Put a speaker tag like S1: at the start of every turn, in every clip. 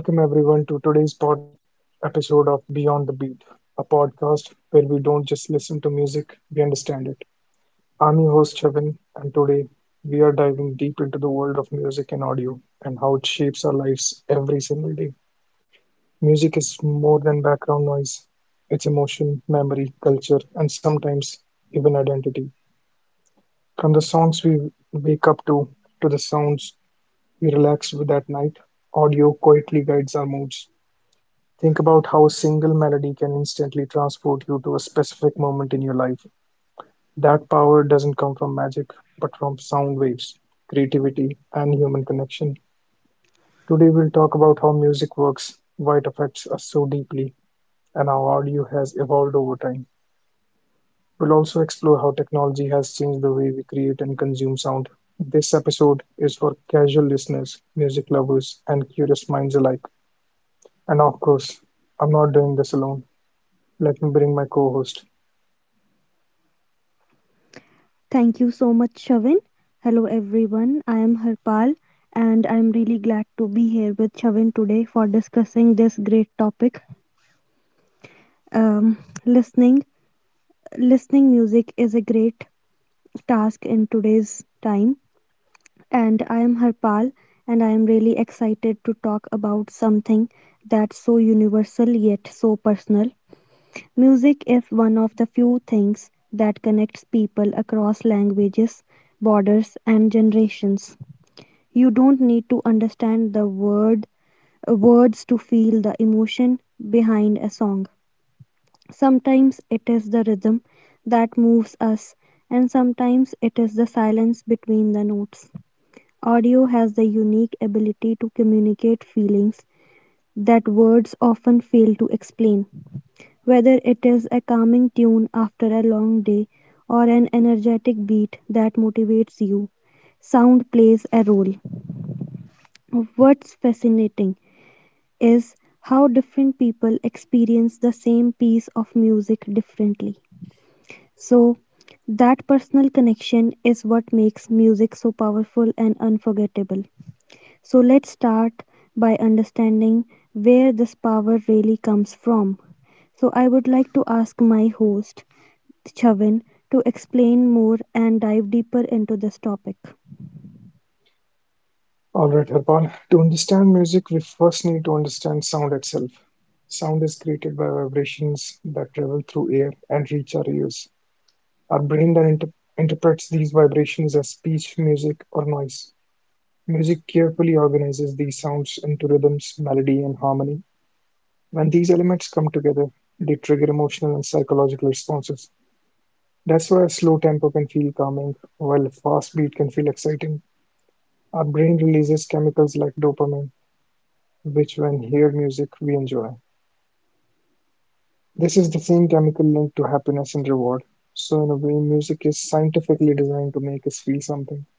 S1: Welcome everyone to today's pod episode of Beyond the Beat, a podcast where we don't just listen to music, we understand it. I'm your host Kevin, and today we are diving deep into the world of music and audio and how it shapes our lives every single day. Music is more than background noise, it's emotion, memory, culture, and sometimes even identity. From the songs we wake up to the sounds we relax with at night, audio quietly guides our moods. Think about how a single melody can instantly transport you to a specific moment in your life. That power doesn't come from magic, but from sound waves, creativity, and human connection. Today, we'll talk about how music works, why it affects us so deeply, and how audio has evolved over time. We'll also explore how technology has changed the way we create and consume sound. This episode is for casual listeners, music lovers, and curious minds alike. And of course, I'm not doing this alone. Let me bring my co host.
S2: Thank you so much, Shavin. Hello, everyone. I am Harpal, and I'm really glad to be here with Shavin today for discussing this great topic. Um, listening, listening music is a great task in today's time, and I am Harpal, and I am really excited to talk about something that's so universal yet so personal. Music is one of the few things that connects people across languages, borders, and generations. You don't need to understand the words to feel the emotion behind a song. Sometimes it is the rhythm that moves us, and sometimes it is the silence between the notes. Audio has the unique ability to communicate feelings that words often fail to explain. Whether it is a calming tune after a long day or an energetic beat that motivates you, sound plays a role. What's fascinating is how different people experience the same piece of music differently. So, that personal connection is what makes music so powerful and unforgettable. So, let's start by understanding where this power really comes from. So, I would like to ask my host, Chavin, to explain more and dive deeper into this topic.
S1: Alright, Harpal. To understand music, we first need to understand sound itself. Sound is created by vibrations that travel through air and reach our ears. Our brain then interprets these vibrations as speech, music, or noise. Music carefully organizes these sounds into rhythms, melody, and harmony. When these elements come together, they trigger emotional and psychological responses. That's why a slow tempo can feel calming, while a fast beat can feel exciting. Our brain releases chemicals like dopamine which when hear music we enjoy. This is the same chemical link to happiness and reward. So in a way, music is scientifically designed to make us feel something.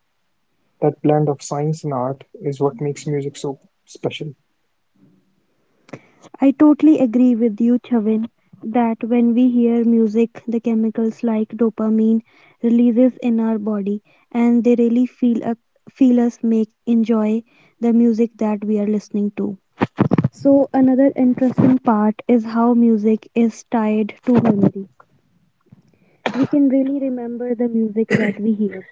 S1: That blend of science and art is what makes music so special.
S2: I totally agree with you, Chavin, that when we hear music, the chemicals like dopamine releases in our body, and they really feel us make enjoy the music that we are listening to. So another interesting part is how music is tied to memory. We can really remember the music that we hear.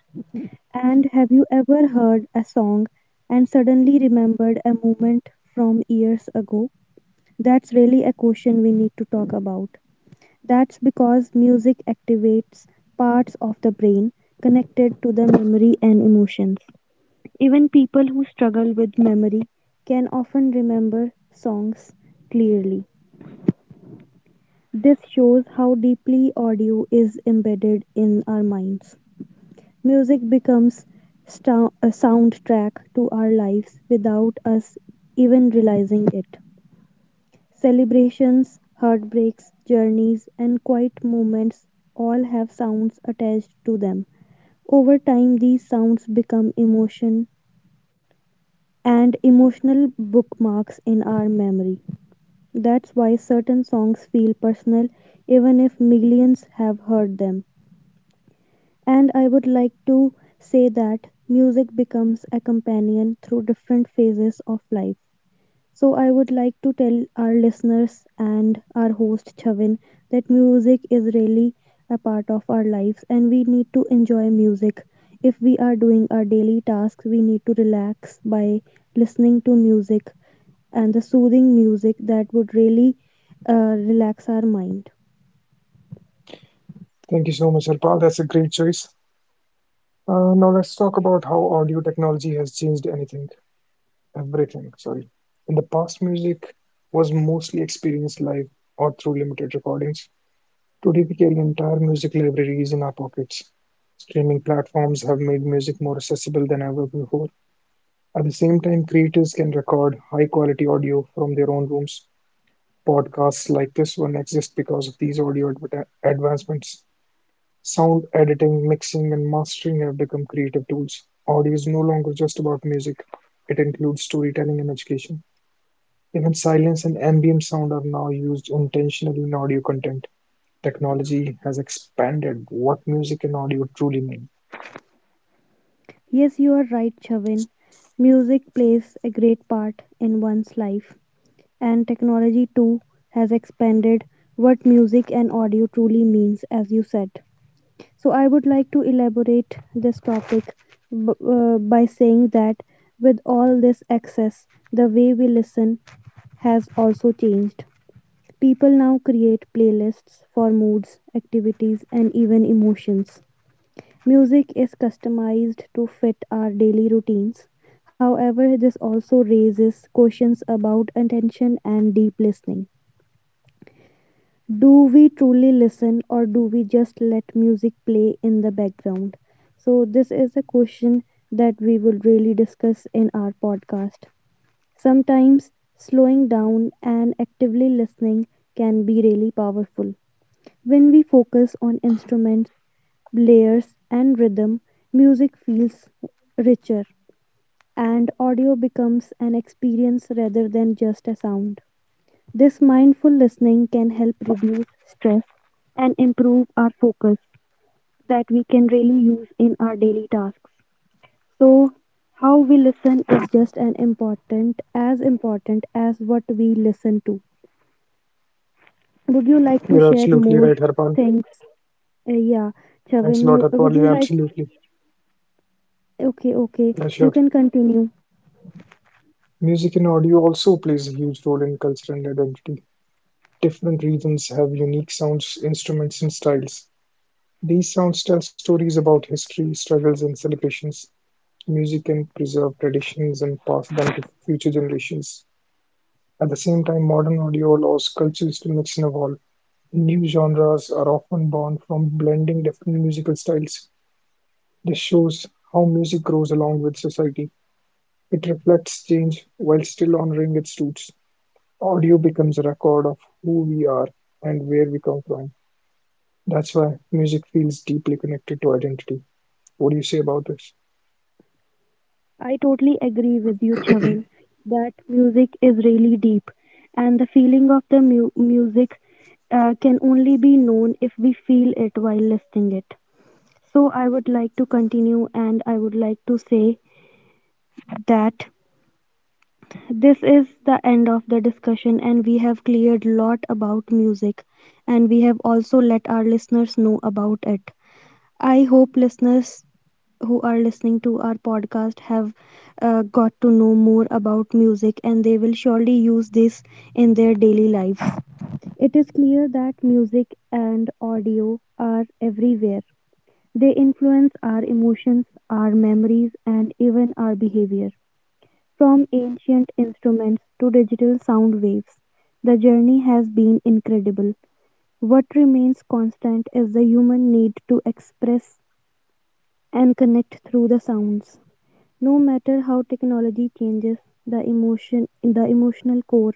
S2: And have you ever heard a song and suddenly remembered a moment from years ago? That's really a question we need to talk about. That's because music activates parts of the brain connected to the memory and emotions. Even people who struggle with memory can often remember songs clearly. This shows how deeply audio is embedded in our minds. Music becomes a soundtrack to our lives without us even realizing it. Celebrations, heartbreaks, journeys, and quiet moments all have sounds attached to them. Over time, these sounds become emotional bookmarks in our memory. That's why certain songs feel personal even if millions have heard them. And I would like to say that music becomes a companion through different phases of life. So, I would like to tell our listeners and our host Chavin that music is really a part of our lives and we need to enjoy music. If we are doing our daily tasks, we need to relax by listening to music and the soothing music that would really relax our mind.
S1: Thank you so much, Harpal. That's a great choice. Now let's talk about how audio technology has changed anything, everything. Sorry. In the past, music was mostly experienced live or through limited recordings. Today we carry entire music libraries in our pockets. Streaming platforms have made music more accessible than ever before. At the same time, creators can record high quality audio from their own rooms. Podcasts like this one exist because of these audio advancements. Sound editing, mixing, and mastering have become creative tools. Audio is no longer just about music, it includes storytelling and education. Even silence and ambient sound are now used intentionally in audio content. Technology has expanded what music and audio truly mean.
S2: Yes, you are right, Chavin. Music plays a great part in one's life, and technology too has expanded what music and audio truly means, as you said. So, I would like to elaborate this topic by saying that with all this access, the way we listen has also changed. People now create playlists for moods, activities, and even emotions. Music is customized to fit our daily routines. However, this also raises questions about attention and deep listening. Do we truly listen or do we just let music play in the background? So, this is a question that we will really discuss in our podcast. Sometimes slowing down and actively listening can be really powerful. When we focus on instruments, layers, and rhythm, music feels richer and audio becomes an experience rather than just a sound. This mindful listening can help reduce stress and improve our focus that we can really use in our daily tasks. So, how we listen is just an important as what we listen to. Would you like to
S1: You're
S2: share
S1: absolutely
S2: more
S1: right, Harpal.
S2: things? Yeah,
S1: Thanks a
S2: Chavin,
S1: lot, Harpal.
S2: would you
S1: Yeah,
S2: like?
S1: absolutely.
S2: Okay, okay,
S1: Yeah,
S2: you
S1: sure.
S2: can continue.
S1: Music and audio also plays a huge role in culture and identity. Different regions have unique sounds, instruments, and styles. These sounds tell stories about history, struggles, and celebrations. Music can preserve traditions and pass them to future generations. At the same time, modern audio allows cultures to mix and evolve. New genres are often born from blending different musical styles. This shows how music grows along with society. It reflects change while still honoring its roots. Audio becomes a record of who we are and where we come from. That's why music feels deeply connected to identity. What do you say about this?
S2: I totally agree with you, Chavin, that music is really deep, and the feeling of the music can only be known if we feel it while listening it. So, I would like to continue and I would like to say that this is the end of the discussion, and we have cleared lot about music, and we have also let our listeners know about it. I hope listeners who are listening to our podcast have got to know more about music and they will surely use this in their daily life. It is clear that music and audio are everywhere. They influence our emotions, our memories, and even our behavior. From ancient instruments to digital sound waves, the journey has been incredible. What remains constant is the human need to express and connect through the sounds. No matter how technology changes, the emotional core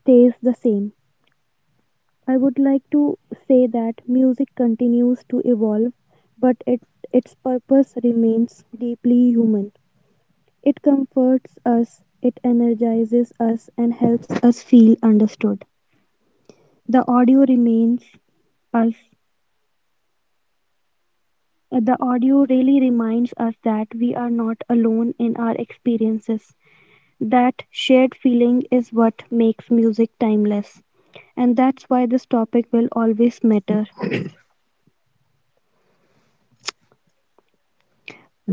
S2: stays the same. I would like to say that music continues to evolve, but it, its purpose remains deeply human. It comforts us, it energizes us, and helps us feel understood. The audio remains us. The audio really reminds us that we are not alone in our experiences. That shared feeling is what makes music timeless, and that's why this topic will always matter.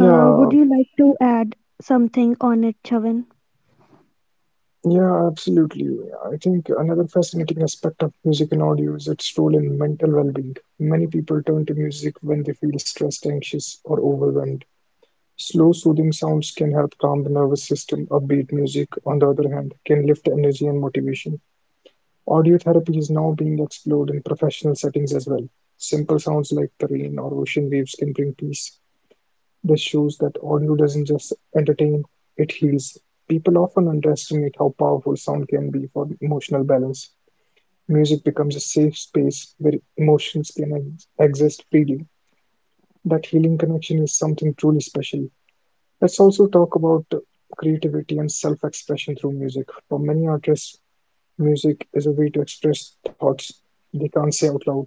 S2: Would you like to add something on it, Chavan?
S1: yeah, absolutely. I think another fascinating aspect of music and audio is its role in mental well-being. Many people turn to music when they feel stressed, anxious, or overwhelmed. Slow, soothing sounds can help calm the nervous system. Upbeat music, on the other hand, can lift energy and motivation. Audio therapy is now being explored in professional settings as well. Simple sounds like the rain or ocean waves can bring peace. This shows that audio doesn't just entertain, it heals. People often underestimate how powerful sound can be for emotional balance. Music becomes a safe space where emotions can exist freely. That healing connection is something truly special. Let's also talk about creativity and self expression through music. For many artists, music is a way to express thoughts they can't say out loud.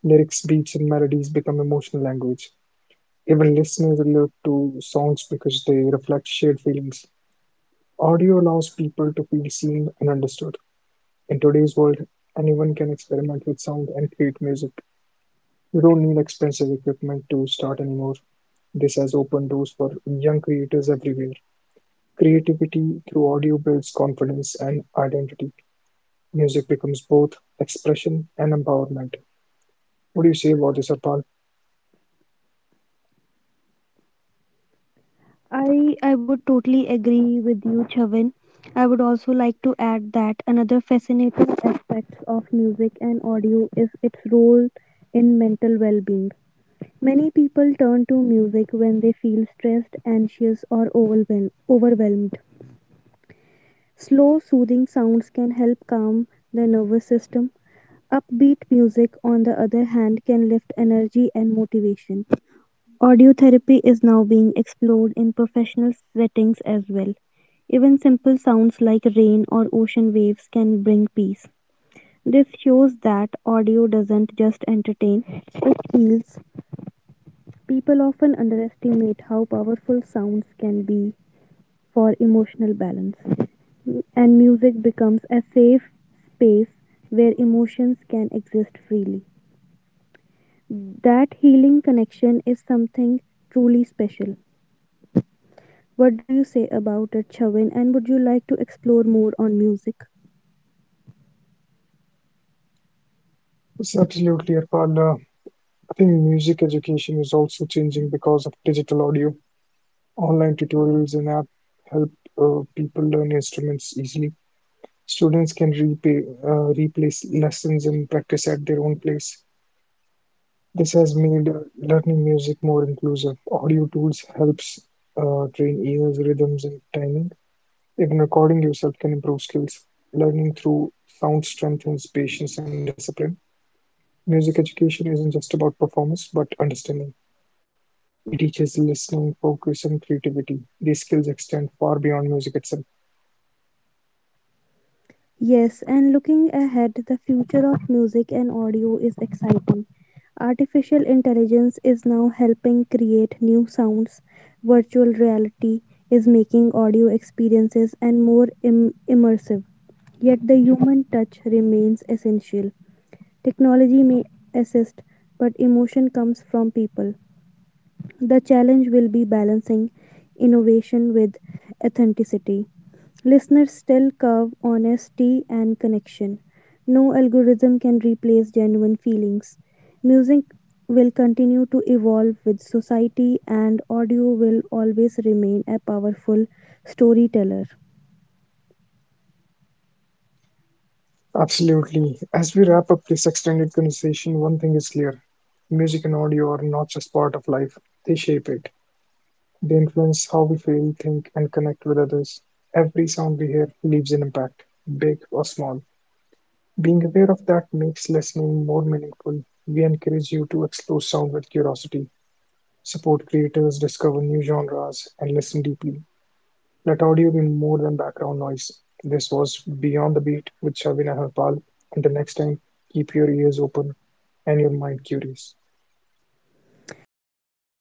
S1: Lyrics, beats, and melodies become emotional language. Even listeners relate to songs because they reflect shared feelings. Audio allows people to feel seen and understood. In today's world, anyone can experiment with sound and create music. You don't need expensive equipment to start anymore. This has opened doors for young creators everywhere. Creativity through audio builds confidence and identity. Music becomes both expression and empowerment. What do you say about this, Arpal?
S2: I would totally agree with you, Chavan. I would also like to add that another fascinating aspect of music and audio is its role in mental well-being. Many people turn to music when they feel stressed, anxious, or overwhelmed. Slow, soothing sounds can help calm the nervous system. Upbeat music, on the other hand, can lift energy and motivation. Audiotherapy is now being explored in professional settings as well. Even simple sounds like rain or ocean waves can bring peace. This shows that audio doesn't just entertain, it heals. People often underestimate how powerful sounds can be for emotional balance, and music becomes a safe space where emotions can exist freely. That healing connection is something truly special. What do you say about it, Chavin? And would you like to explore more on music?
S1: Yes, absolutely, Arpal. I think music education is also changing because of digital audio. Online tutorials and app help people learn instruments easily. Students can replace lessons and practice at their own place. This has made learning music more inclusive. Audio tools helps train ears, rhythms, and timing. Even recording yourself can improve skills. Learning through sound strengthens patience and discipline. Music education isn't just about performance, but understanding. It teaches listening, focus, and creativity. These skills extend far beyond music itself.
S2: Yes, and looking ahead, the future of music and audio is exciting. Artificial intelligence is now helping create new sounds. Virtual reality is making audio experiences and more immersive. Yet the human touch remains essential. Technology may assist, but emotion comes from people. The challenge will be balancing innovation with authenticity. Listeners still curve honesty and connection. No algorithm can replace genuine feelings. Music will continue to evolve with society, and audio will always remain a powerful storyteller.
S1: Absolutely. As we wrap up this extended conversation, one thing is clear, music and audio are not just part of life, they shape it. They influence how we feel, think, and connect with others. Every sound we hear leaves an impact, big or small. Being aware of that makes listening more meaningful. We encourage you to explore sound with curiosity, support creators, discover new genres, and listen deeply. Let audio be more than background noise. This was Beyond the Beat with Shabina Harpal. Until next time, keep your ears open and your mind curious.
S2: Thank you.